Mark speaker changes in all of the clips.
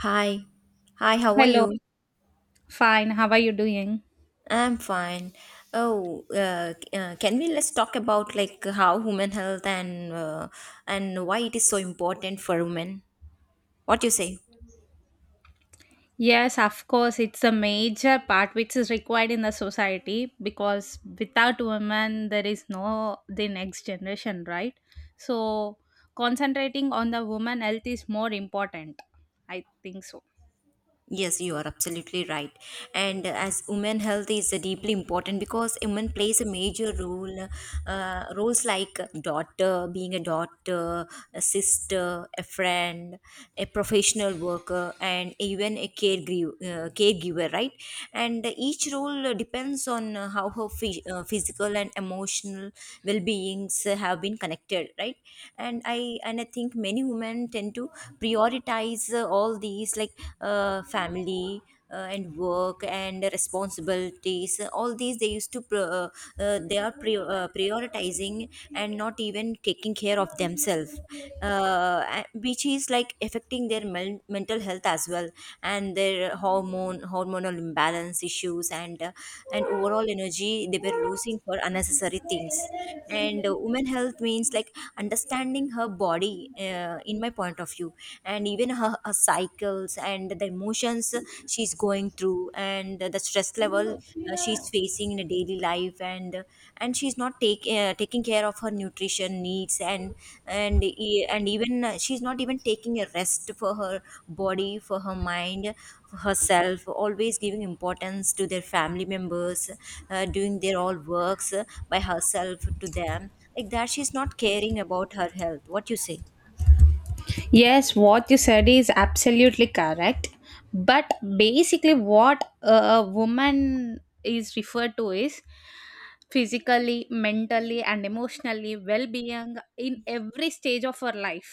Speaker 1: Hi. Hi, how are
Speaker 2: Hello,
Speaker 1: you?
Speaker 2: fine. How are you doing?
Speaker 1: I'm fine. Oh, c- can we let's talk about like how women health and why it is so important for women? What do you say?
Speaker 2: Yes, of course, it's a major part which is required in the society because without women, there is no the next generation, right? So, concentrating on the woman health is more important. I think so.
Speaker 1: Yes, you are absolutely right. And as women health is deeply important because women plays a major role, roles like daughter, being a daughter, a sister, a friend, a professional worker, and even a caregiver, caregiver, right? And each role depends on how her physical and emotional well-beings have been connected, right? And I think many women tend to prioritize all these like family and work and responsibilities, all these they used to prioritizing and not even taking care of themselves, which is like affecting their mental health as well, and their hormone hormonal imbalance issues, and overall energy they were losing for unnecessary things. And women health means like understanding her body, in my point of view, and even her cycles and the emotions she's going through and the stress level she's facing in a daily life, and she's not taking care of her nutrition needs, and and even she's not even taking a rest for her body, for her mind. Herself, always giving importance to their family members, doing their all works by herself to them. Like that, she's not caring about her health. What you say?
Speaker 2: Yes, what you said is absolutely correct. But basically, what a woman is referred to is physically, mentally, and emotionally well being in every stage of our life.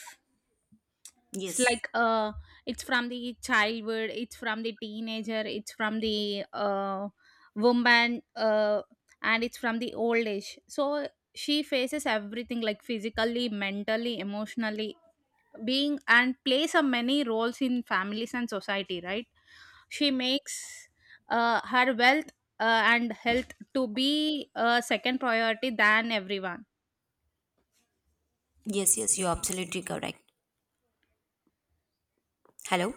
Speaker 2: It's
Speaker 1: Yes.
Speaker 2: like it's from the childhood, it's from the teenager, it's from the woman, and it's from the old age. So she faces everything like physically, mentally, emotionally, being and plays a many roles in families and society, right? She makes her wealth and health to be a second priority than everyone.
Speaker 1: Yes, yes, you're absolutely correct. Hello?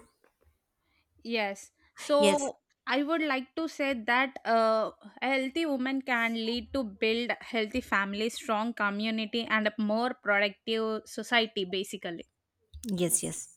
Speaker 2: Yes, so
Speaker 1: Yes,
Speaker 2: I would like to say that a healthy woman can lead to build healthy family, strong community, and a more productive society, basically.
Speaker 1: yes, yes.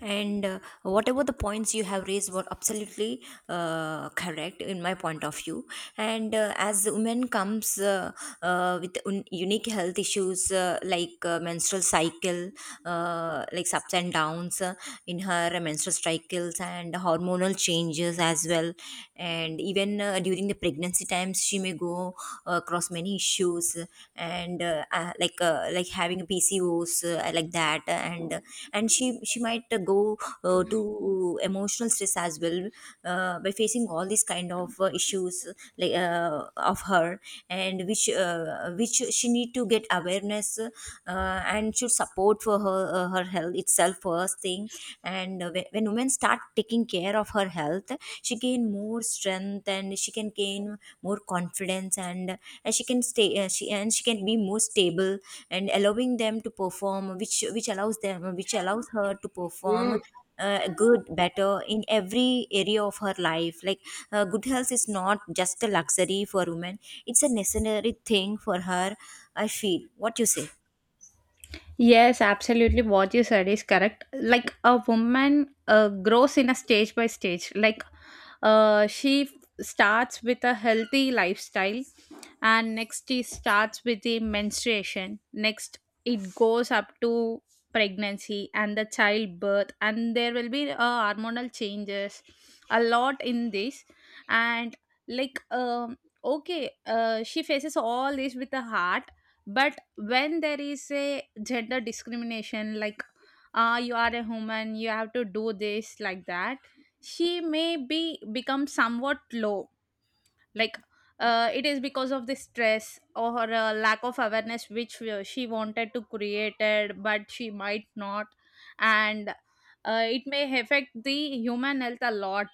Speaker 1: And whatever the points you have raised were absolutely correct in my point of view. And as women comes, with unique health issues, like menstrual cycle, like ups and downs in her menstrual cycles, and hormonal changes as well. And even during the pregnancy times, she may go across many issues, and like having a pcos, like that. And she might go to emotional stress as well, by facing all these kind of issues, like uh, of her, and which she need to get awareness, and should support for her health itself first thing. And whe- when women start taking care of her health, she gain more strength and she can gain more confidence, and she can stay, she and she can be more stable, and allowing them to perform, which allows them which allows her to perform good better in every area of her life. Like, good health is not just a luxury for women, it's a necessary thing for her. I feel. What you say?
Speaker 2: Yes, absolutely. What you said is correct. Like a woman grows in a stage by stage. She starts with a healthy lifestyle, and next she starts with the menstruation. Next, it goes up to pregnancy and the childbirth, and there will be hormonal changes a lot in this. And, like, okay, she faces all this with a heart, but when there is a gender discrimination, like, ah, you are a woman, you have to do this, like that she may be become somewhat low, like it is because of the stress or lack of awareness which she wanted to created but she might not. And it may affect the human health a lot.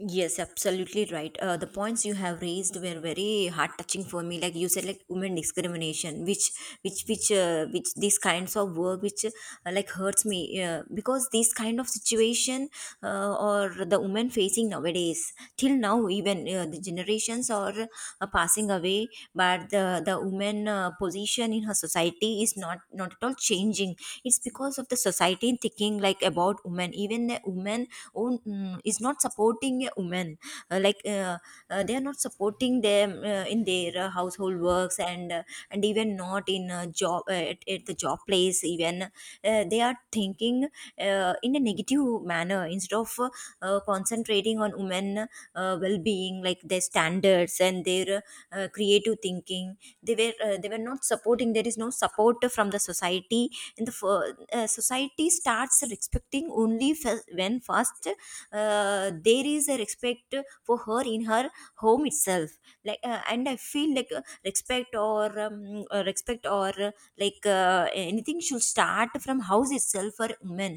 Speaker 1: Yes, absolutely right. The points you have raised were very heart touching for me. Like you said, like women discrimination, which these kinds of work, which like hurts me, because this kind of situation, or the women facing nowadays, till now, even the generations are passing away, but the woman position in her society is not, not at all changing. It's because of the society thinking, like, about women. Even the women own is not supporting a woman. Like, they are not supporting them in their household works, and even not in a job, at the job place. Even they are thinking in a negative manner instead of concentrating on women well-being, like their standards and their creative thinking. They were not supporting. There is no support from the society. And society starts respecting only when first there is a respect for her in her home itself. And I feel like, respect or, like, anything should start from house itself for women.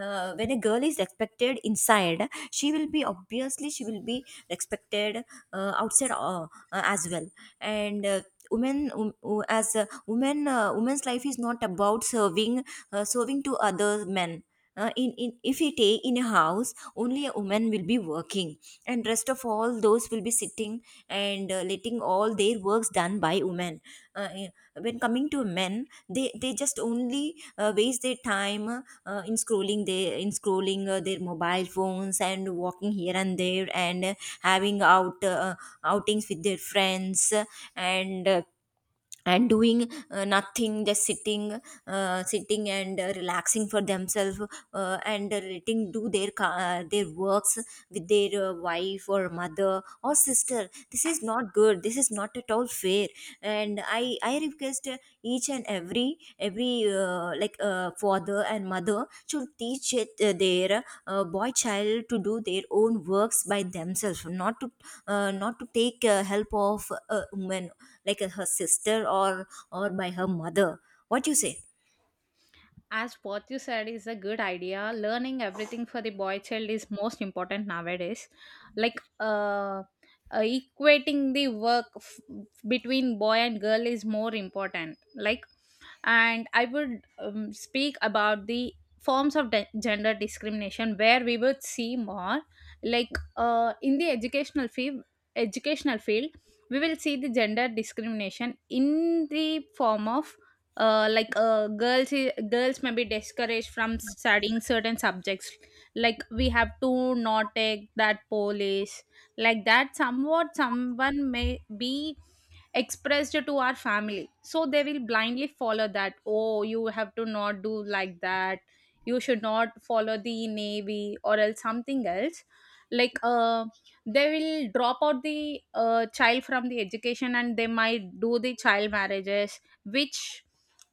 Speaker 1: When a girl is respected inside, she will be obviously she will be respected outside as well. And women who- as women women's life is not about serving, serving to other men. In If we take in a house, only a woman will be working and rest of all those will be sitting and letting all their works done by women. uh, eh, when coming to men, they just only waste their time, in scrolling their mobile phones, and walking here and there, and having outings with their friends, and uh, and doing nothing, just sitting, and relaxing for themselves, and letting do their their works with their wife or mother or sister. This is not good. This is not at all fair. And I request, each and every, like, father and mother should teach, their boy child to do their own works by themselves, not to take help of a woman, like, her sister or by her mother. What you say?
Speaker 2: As what you said is a good idea, learning everything for the boy child is most important nowadays. like uh, equating the work between boy and girl is more important. Like, and I would speak about the forms of gender discrimination where we would see more, like in the Educational field, we will see the gender discrimination in the form of, like, girls may be discouraged from studying certain subjects, like we have to not take that police, like that somewhat someone may be expressed to our family, so they will blindly follow that, oh, you have to not do like that, you should not follow the navy or else something else. Like they will drop out the child from the education, and they might do the child marriages, which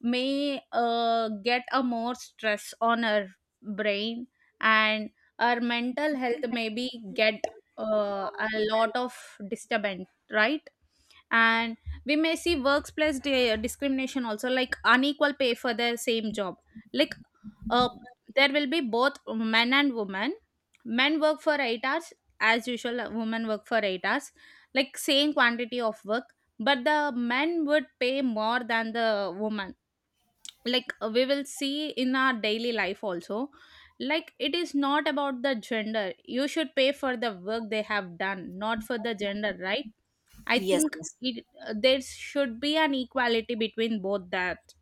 Speaker 2: may get a more stress on our brain, and our mental health maybe get a lot of disturbance, right? And we may see workplace discrimination also, like unequal pay for the same job. Like uh, there will be both men and women. Men work for 8 hours as usual, women work for 8 hours, like same quantity of work, but the men would pay more than the woman. Like we will see in our daily life also. Like it is not about the gender, you should pay for the work they have done, not for the gender, right? I
Speaker 1: Yes,
Speaker 2: think
Speaker 1: yes,
Speaker 2: there should be an equality between both that,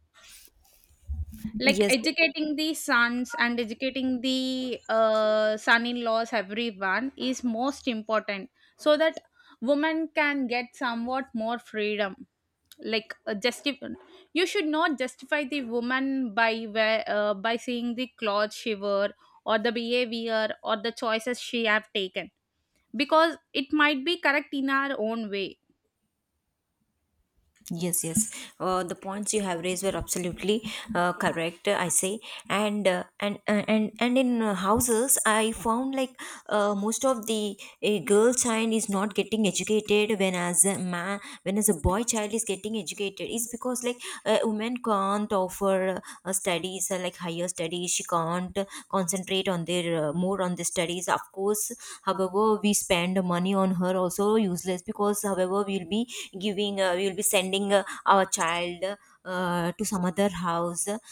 Speaker 2: like,
Speaker 1: yes.
Speaker 2: educating the sons and educating the son-in-laws, everyone is most important, so that women can get somewhat more freedom. Like, you should not justify the woman by where by seeing the clothes she wore or the behavior or the choices she have taken, because it might be correct in our own way.
Speaker 1: Yes, yes. The points you have raised were absolutely correct, I say. And in houses, I found like, most of the girl child is not getting educated, when as a boy child is getting educated. It's because, like, women can't offer, studies, like higher studies. She can't concentrate on their, more on the studies. Of course, however, we spend money on her also useless, because however we will be sending, our child to some other house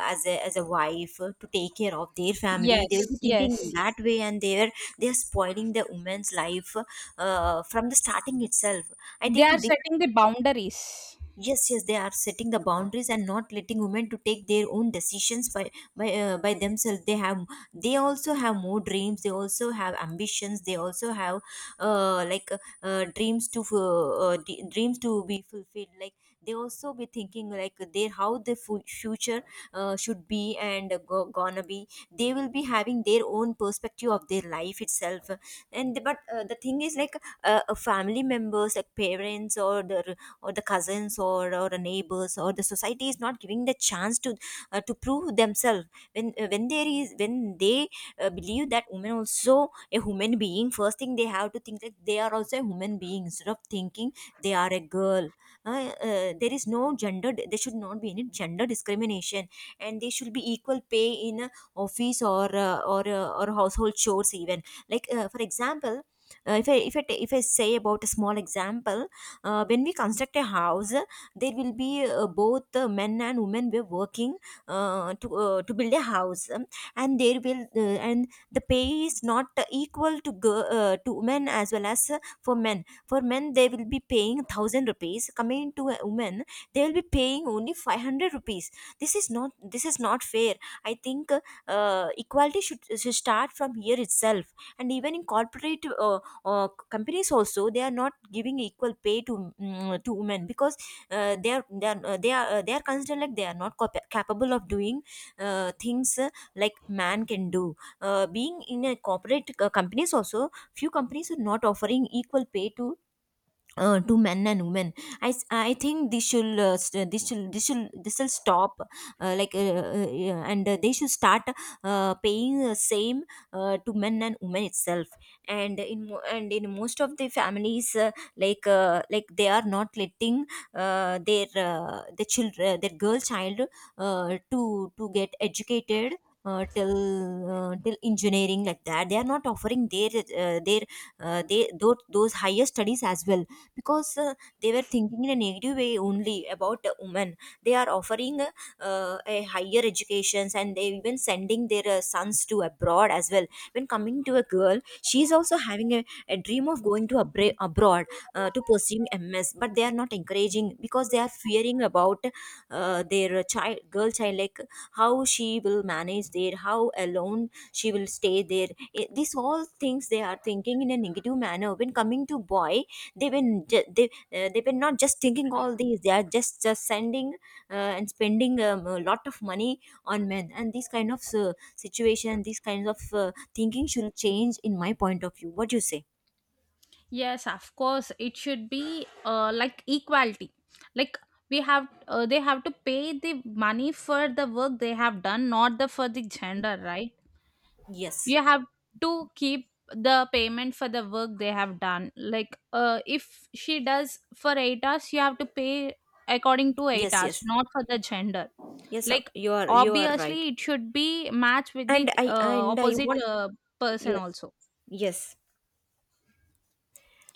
Speaker 1: as a wife to take care of their family. They'll be
Speaker 2: Yes,
Speaker 1: thinking in
Speaker 2: yes.
Speaker 1: that way, and they're spoiling the woman's life from the starting itself. I
Speaker 2: They are
Speaker 1: think this.
Speaker 2: setting the boundaries.
Speaker 1: Yes, yes, they are setting the boundaries and not letting women to take their own decisions by themselves. They also have more dreams, they also have ambitions, they also have, like, uh, dreams to fu- dreams to be fulfilled. Like, they also be thinking, like, their, how the future should be, and gonna be. They will be having their own perspective of their life itself. And but uh, the thing is, like, family members, like parents, or the cousins, or the neighbors, or the society, is not giving the chance to, to prove themselves. When uh, when there is when they believe that women also a human being, first thing they have to think that they are also a human being, instead of thinking they are a girl. uh, there is no gender. There should not be any gender discrimination. And they should be equal pay in a office, or household chores even, like, for example, if I say about a small example. When we construct a house, there will be both men and women were working, to build a house. And there will and the pay is not equal to women, as well as, for men they will be paying 1000 rupees. Coming to a woman, they will be paying only 500 rupees. This is not this is not fair. I think, equality should start from here itself. And even in corporate, companies also, they are not giving equal pay to women, because they are they are they are they are considered, like, they are not capable of doing, things, like man can do. Being in a corporate, companies also, few companies are not offering equal pay to men and women. I think this should, this will stop. Yeah, and they should start paying the same to men and women itself. And in most of the families, like they are not letting, their children their girl child uh, to get educated uh, till till engineering. Like that, they are not offering their, those higher studies as well, because they were thinking in a negative way only about, women. They are offering, a higher educations, and they even sending their, sons to abroad as well. When coming to a girl, she is also having a dream of going to abroad to pursue MS, but they are not encouraging because they are fearing about their child, girl child, like how she will manage there, how alone she will stay there. These all things they are thinking in a negative manner. When coming to boy, they've been ju- they they've been not just thinking all these, they are just sending and spending a lot of money on men, and these kind of situation, these kinds of thinking should change, in my point of view. What do you say?
Speaker 2: Yes, of course, it should be, like, equality. Like we have they have to pay the money for the work they have done, not the for the gender, right?
Speaker 1: Yes,
Speaker 2: You have to keep the payment for the work they have done. Like if she does for 8 hours, you have to pay according to 8
Speaker 1: yes,
Speaker 2: hours,
Speaker 1: yes,
Speaker 2: not for the gender.
Speaker 1: yes,
Speaker 2: Like,
Speaker 1: you are, you are right.
Speaker 2: obviously, it should be matched with
Speaker 1: And
Speaker 2: the
Speaker 1: i and i
Speaker 2: opposite
Speaker 1: want.
Speaker 2: person
Speaker 1: Yes,
Speaker 2: also.
Speaker 1: yes.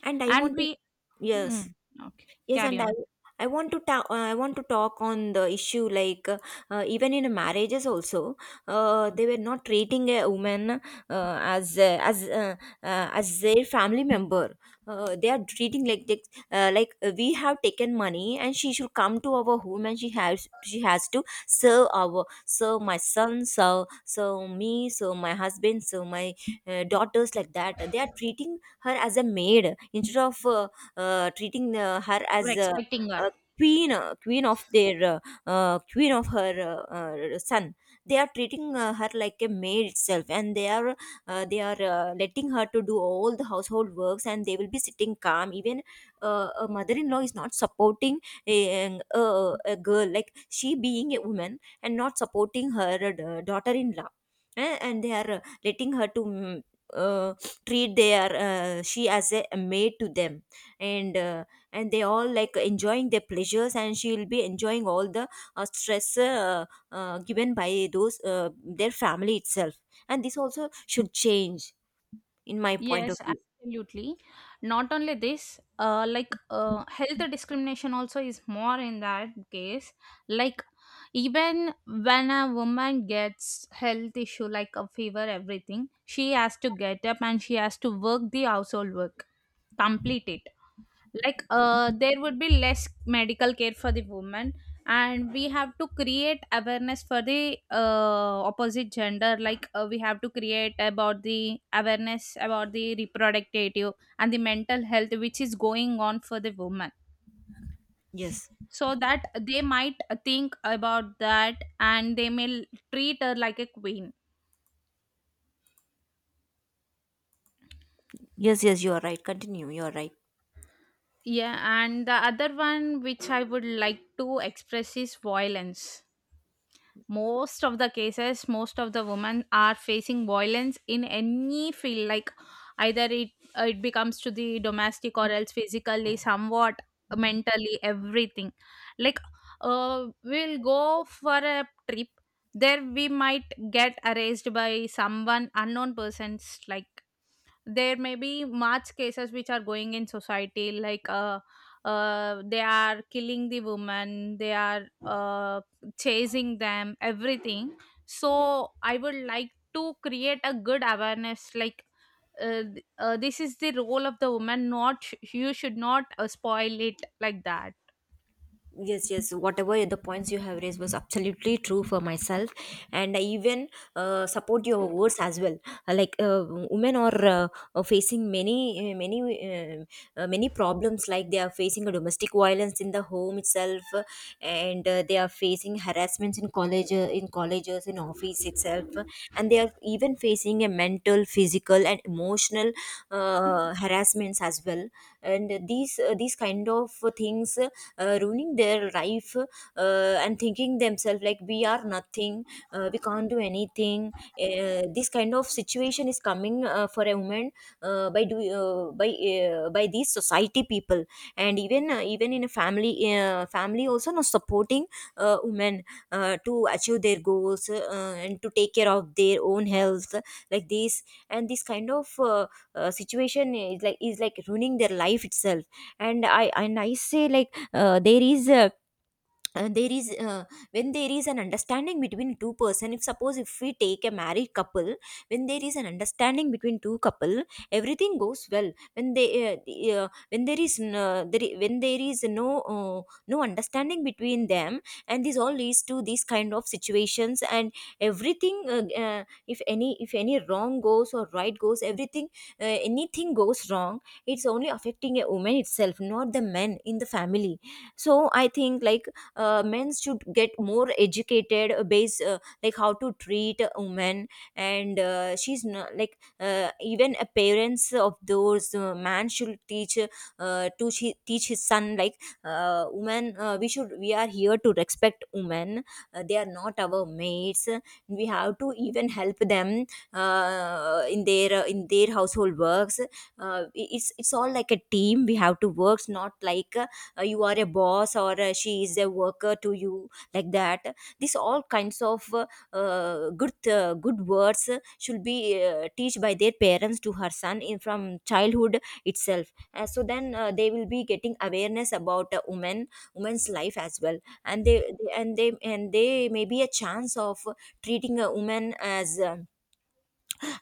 Speaker 1: And I
Speaker 2: And
Speaker 1: want to.
Speaker 2: we,
Speaker 1: Yes.
Speaker 2: mm, okay,
Speaker 1: Yes,
Speaker 2: carry
Speaker 1: and I,
Speaker 2: on.
Speaker 1: I want to I want to talk on the issue like even in marriages also, they were not treating a woman as uh, as uh, as their family member. They are treating like they, we have taken money and she should come to our home, and she has to serve our, serve my son, serve me, serve my husband, serve my daughters, like that. They are treating her as a maid instead of treating her
Speaker 2: We're
Speaker 1: as
Speaker 2: expecting
Speaker 1: a
Speaker 2: her.
Speaker 1: queen, queen of their, queen of her uh, son. They are treating her like a maid itself, and they are letting her to do all the household works, and they will be sitting calm. Even a mother-in-law is not supporting a girl, like she being a woman and not supporting her daughter-in-law. And they are letting her to uh, treat their she as a maid to them, and uh, and they all like enjoying their pleasures, and she will be enjoying all the stress given by those their family itself, and this also should change, in my point of
Speaker 2: Yes,
Speaker 1: view.
Speaker 2: absolutely. Not only this, like, health discrimination also is more in that case. Like, even when a woman gets health issue like a fever, everything, she has to get up and she has to work the household work, complete it. Like there would be less medical care for the woman. And we have to create awareness for the opposite gender. Like we have to create about the awareness about the reproductive and the mental health which is going on for the woman.
Speaker 1: Yes,
Speaker 2: So that they might think about that, and they may treat her like a queen.
Speaker 1: yes, yes, you are right, continue, you are right.
Speaker 2: Yeah, and the other one which I would like to express is violence. Most of the cases, most of the women are facing violence in any field. Like, either it becomes to the domestic or else physically somewhat mentally, everything. Like we'll go for a trip, there we might get arrested by someone unknown persons. Like there may be much cases which are going in society, like they are killing the woman, they are chasing them, everything. So I would like to create a good awareness, like this is the role of the woman, not you should not spoil it like that.
Speaker 1: Yes, yes. Whatever the points you have raised was absolutely true for myself, and I even support your words as well. Uh, Like uh, women are, are facing many, many, many problems. Like they are facing a domestic violence in the home itself, and they are facing harassments in college, in colleges, in office itself, and they are even facing a mental, physical, and emotional harassments as well. And these kind of things ruining their life, and thinking themselves like we are nothing, we can't do anything. This kind of situation is coming for a woman by do by these society people. And even even in a family, family also not supporting women to achieve their goals, and to take care of their own health, like this. And this kind of situation is like ruining their life itself. And I say like there is a there is when there is an understanding between two person, if suppose if we take a married couple, when there is an understanding between two couple, everything goes well. When they the, when there is n- there, I- when there is no uh, no understanding between them, and this all leads to these kind of situations. And everything, if any, if any wrong goes or right goes, everything, anything goes wrong, it's only affecting a woman itself, not the men in the family. So I think like, men should get more educated, base like how to treat women. And she's not, like, even a parents of those man should teach teach his son like women, we are here to respect women, they are not our mates, we have to even help them in their household works. It's all like a team we have to work, not like you are a boss or she is a worker to you, like that. These all kinds of good good words should be teach by their parents to her son in from childhood itself. So then they will be getting awareness about women, women's life as well. And they may be a chance of treating a woman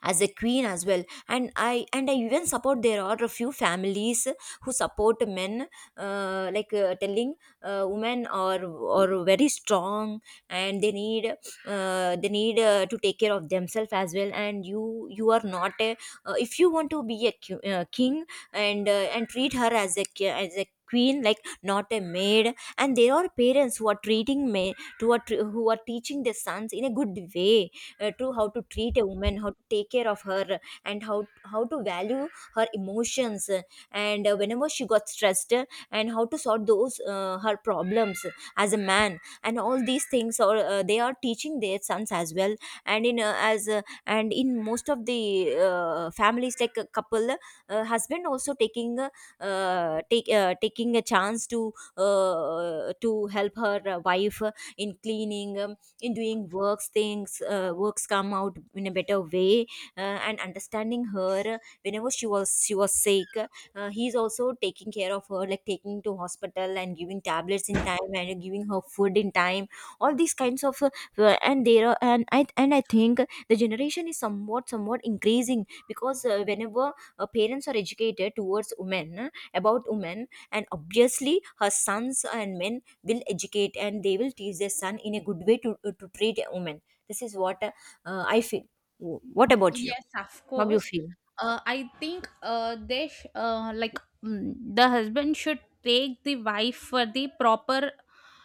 Speaker 1: as a queen as well. And I even support, there are a few families who support men, telling women are very strong, and they need, to take care of themselves as well. And you are not a, if you want to be a king, and treat her as a as a queen, like, not a maid. And there are parents who are treating me to who are teaching their sons in a good way to how to treat a woman, how to take care of her, and how to value her emotions, and whenever she got stressed, and how to sort those her problems as a man, and all these things, or they are teaching their sons as well. And in as and in most of the families like a couple, husband also taking, take taking a chance to help her wife in cleaning, in doing works things, works come out in a better way, and understanding her, whenever she was sick, he's also taking care of her, like taking to hospital and giving tablets in time and giving her food in time, all these kinds of and there are and I think the generation is somewhat, somewhat increasing, because whenever parents are educated towards women, about women, and obviously her sons and men will educate and they will teach their son in a good way to treat a woman. This is what I feel. What about you?
Speaker 2: Yes, of
Speaker 1: How do you
Speaker 2: course.
Speaker 1: feel?
Speaker 2: I think they sh- like mm, the husband should take the wife for the proper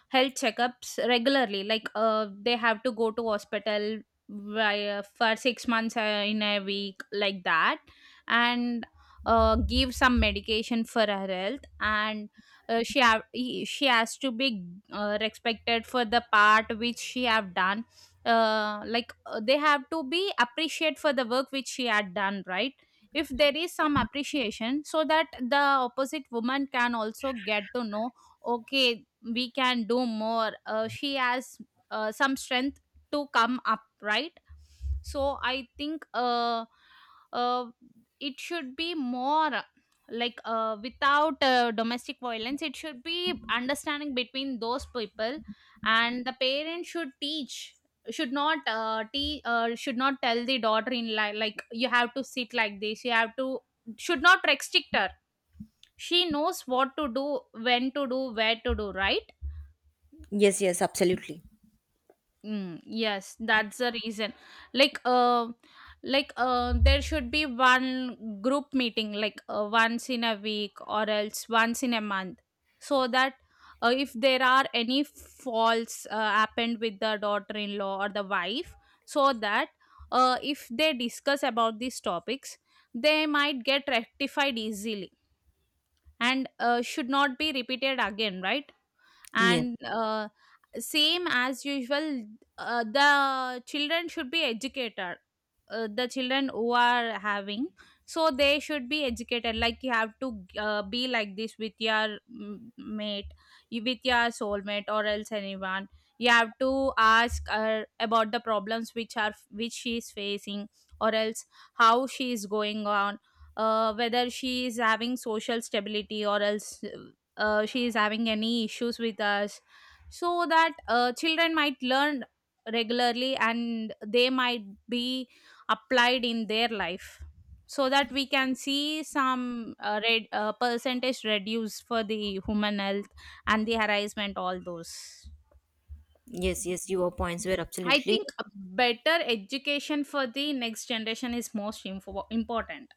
Speaker 2: health checkups regularly. Like they have to go to hospital, via, for 6 months in a week, like that, and give some medication for her health. And she has to be respected for the part which she have done, they have to be appreciate for the work which she had done, right? If there is some appreciation, so that the opposite woman can also get to know, okay, we can do more. Uh, she has some strength to come up, right? So I think uh, it should be more, like without domestic violence, it should be understanding between those people. And the parents should teach, should not tell the daughter like, you have to sit like this, you have to, should not restrict her. She knows what to do, when to do, where to do, right?
Speaker 1: Yes, yes, absolutely.
Speaker 2: Mm, yes, that's the reason. Like, uh, like, there should be one group meeting, like once in a week or else once in a month, so that if there are any faults happened with the daughter-in-law or the wife, so that if they discuss about these topics, they might get rectified easily and should not be repeated again, right?
Speaker 1: Yes,
Speaker 2: And same as usual, the children should be educated, the children who are having, so they should be educated. Like, you have to be like this with your mate, with your soulmate or else anyone. You have to ask her about the problems which she is facing, or else how she is going on, whether she is having social stability or else she is having any issues with us, so that children might learn regularly and they might be applied in their life, so that we can see some percentage reduce for the human health and the harassment, all those.
Speaker 1: yes, yes. Your points were
Speaker 2: I
Speaker 1: absolutely.
Speaker 2: think a better education for the next generation is most important.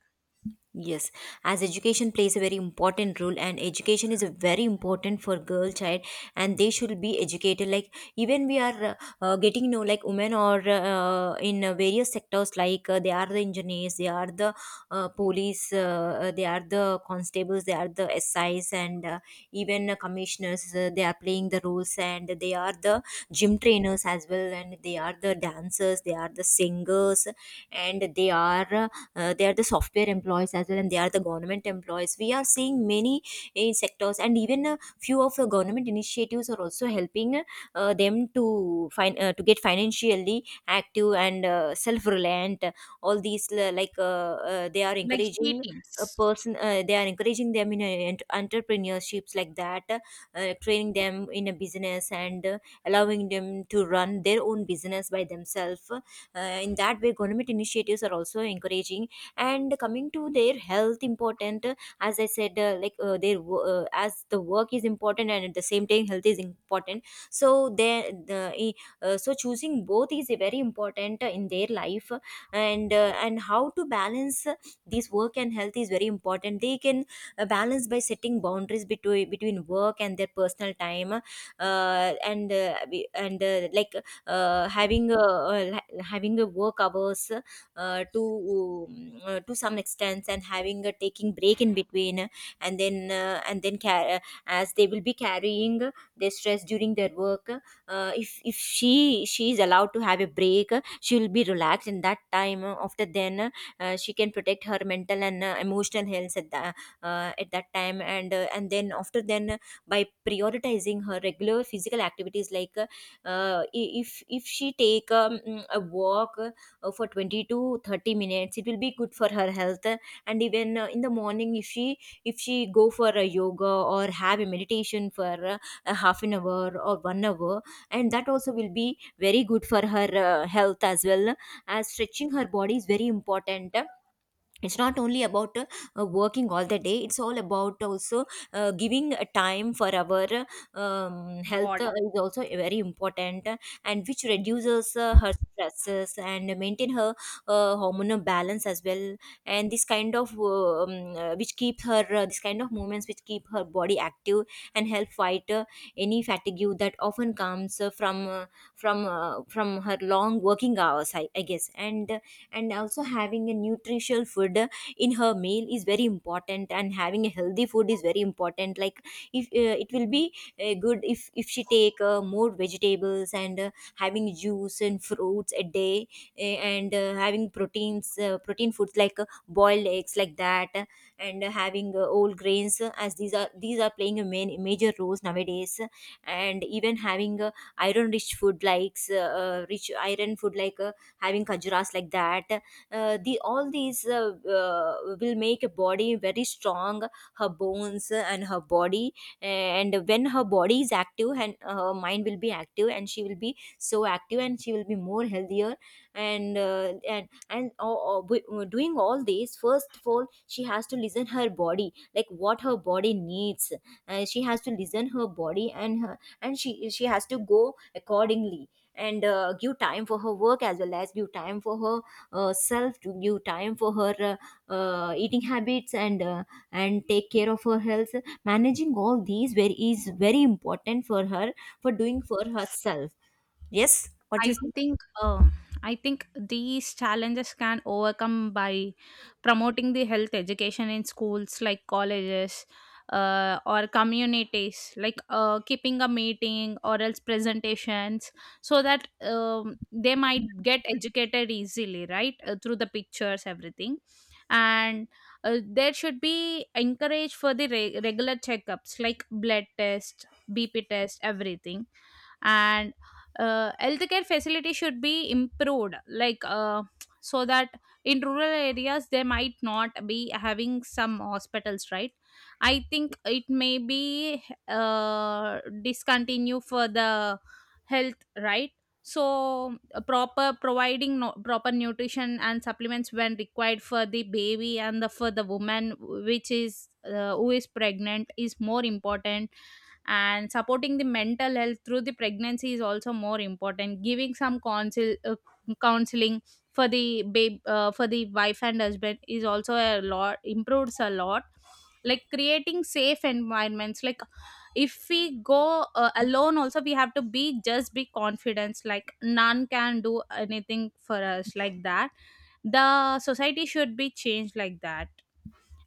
Speaker 1: Yes, as education plays a very important role, and education is a very important for girl child, and they should be educated. Like even we are getting know, like women or in various sectors, like they are the engineers, they are the police, they are the constables, they are the SIs, and even commissioners. They are playing the roles, and they are the gym trainers as well, and they are the dancers, they are the singers, and they are. They are the software employees as well, and they are the government employees. We are seeing many sectors, and even a few of the government initiatives are also helping them to find, to get financially active and self-reliant. All these they are
Speaker 2: Like, she
Speaker 1: encouraging a
Speaker 2: teams.
Speaker 1: person, they are encouraging them in a, entrepreneurships, like that, training them in a business and allowing them to run their own business by themselves. In that way government initiatives are also encouraging. And coming to their health important, as I said, their as the work is important, and at the same time health is important. So they so choosing both is very important in their life. And how to balance this work and health is very important. They can balance by setting boundaries between work and their personal time, and we- and like having having a work hours uh, to to some extent, and having a taking break in between. And then uh, and then car- as they will be carrying their stress during their work, if she is allowed to have a break, she will be relaxed in that time. After then she can protect her mental and emotional health at that, at that time. And then after then By prioritizing her regular physical activities, like if she take a walk for 20 to 30 minutes, it will be good for her health. And even in the morning, if she go for a yoga or have a meditation for a half an hour or 1 hour, and that also will be very good for her health as well, as stretching her body is very important. It's not only about working all the day, it's all about also giving a time for our health
Speaker 2: Body.
Speaker 1: is also very important. And which reduces her stresses and maintain her hormonal balance as well. And this kind of which keep her, this kind of movements which keep her body active and help fight any fatigue that often comes from her long working hours, I guess. And also having a nutritional food in her meal is very important, and having a healthy food is very important. Like, if it will be good if she take more vegetables and having juice and fruits a day, and having proteins, protein foods like boiled eggs like that, and having whole grains, as these are playing a major roles nowadays. And even having iron rich food, likes rich iron food like having khajuras like that. The all these uh, will make a body very strong, her bones and her body. And when her body is active and her mind will be active, and she will be so active and she will be more healthier. And doing all this, first of all she has to listen her body, like what her body needs. She has to listen her body, and her, and she has to go accordingly. And give time for her work as well as give time for her self, to give time for her eating habits, and take care of her health. Managing all these very is very important for her, for doing for herself. Yes, what you
Speaker 2: I think I think these challenges can overcome by promoting the health education in schools, like colleges, or communities, like keeping a meeting or else presentations, so that they might get educated easily, right? Through the pictures, everything. And there should be encouraged for the regular checkups, like blood test, BP test, everything. And healthcare facility should be improved, like so that in rural areas they might not be having some hospitals, right? I think it may be discontinue for the health, right? So proper providing, no, proper nutrition and supplements when required for the baby and for the woman which is who is pregnant is more important. And supporting the mental health through the pregnancy is also more important. Giving some counseling for the wife and husband is also a lot, improves a lot. Like, creating safe environments, like, if we go alone also, we have to be just be confidence, like none can do anything for us, like that, the society should be changed like that.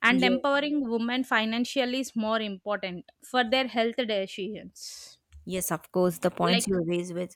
Speaker 2: And
Speaker 1: say.
Speaker 2: empowering women financially is more important for their health decisions.
Speaker 1: Yes, of course, the points
Speaker 2: Like,
Speaker 1: you raise with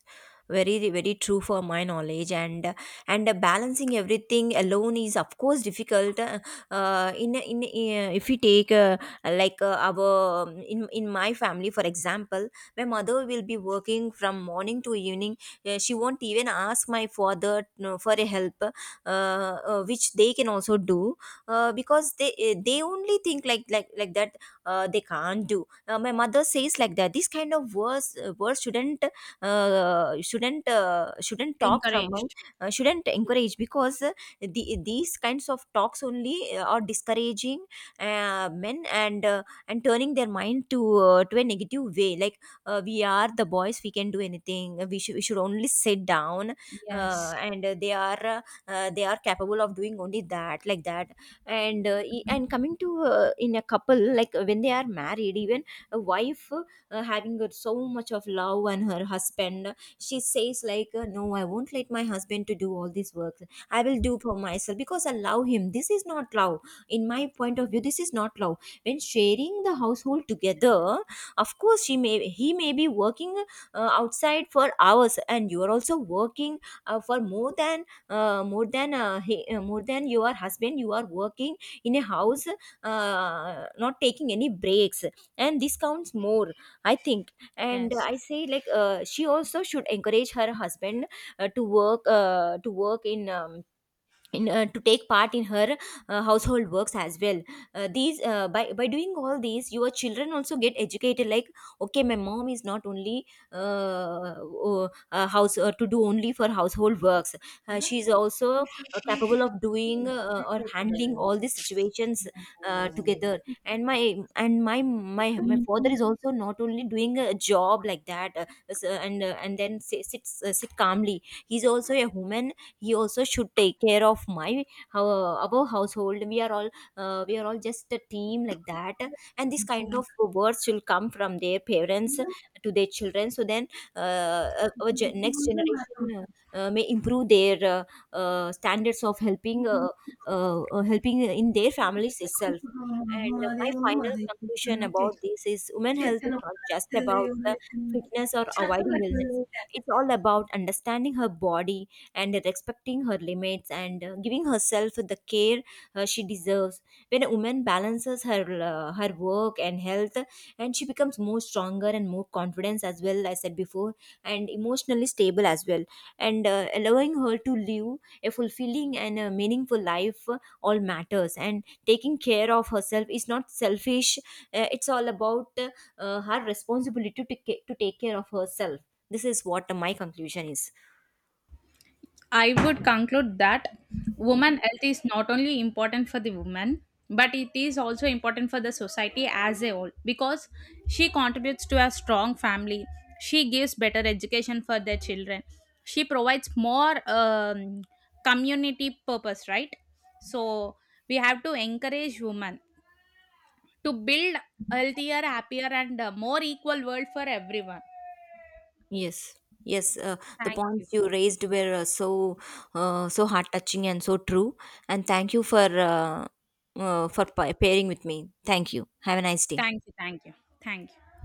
Speaker 1: very very true for my knowledge. And balancing everything alone is of course difficult. In if we take like our, in my family for example, my mother will be working from morning to evening. She won't even ask my father for a help, which they can also do. Because they only think like like that, they can't do. My mother says like that, these kind of words words shouldn't shouldn't talk from my
Speaker 2: encouraged.
Speaker 1: shouldn't encourage. Because the, these kinds of talks only are discouraging men, and and turning their mind to a negative way. Like, we are the boys, we can do anything, we should only sit down,
Speaker 2: Yes,
Speaker 1: and they are capable of doing only that, like that. And and coming to in a couple, like when they are married, even a wife having so much of love and her husband, she says like, no, I won't let my husband to do all this work, I will do for myself because I love him. This is not love. In my point of view, this is not love. When sharing the household together, of course she may, he may be working outside for hours, and you are also working for more than more than your husband. You are working in a house, not taking any breaks, and this counts more, I think. And
Speaker 2: yes.
Speaker 1: I say like, she also should encourage her husband to work in to take part in her household works as well. These by doing all these, your children also get educated, like okay, my mom is not only uh, house to do only for household works, she is also capable of doing or handling all these situations together. And my father is also not only doing a job like that, and then sit calmly. He's also a human, he also should take care of my our household. We are all we are all just a team like that. And this kind of words will come from their parents to their children. So then our next generation may improve their standards of helping helping in their families itself. And my final conclusion about this is, women health is not just about the fitness or avoiding illness. It's all about understanding her body and respecting her limits, and giving herself the care she deserves. When a woman balances her her work and health, and she becomes more stronger and more confident as well, I said before, and emotionally stable as well, and allowing her to live a fulfilling and a meaningful life all matters. And taking care of herself is not selfish. It's all about her responsibility to, to take care of herself. This is what my conclusion is.
Speaker 2: I would conclude that woman health is not only important for the woman, but it is also important for the society as a whole because she contributes to a strong family. She gives better education for their children. She provides more community purpose, right? So we have to encourage women to build healthier, happier, and more equal world for everyone.
Speaker 1: Yes, yes. The
Speaker 2: Thank you.
Speaker 1: points you raised were so heart touching and so true. And thank you for pairing with me. Thank you. Have a nice day.
Speaker 2: Thank you. Thank you. Thank you.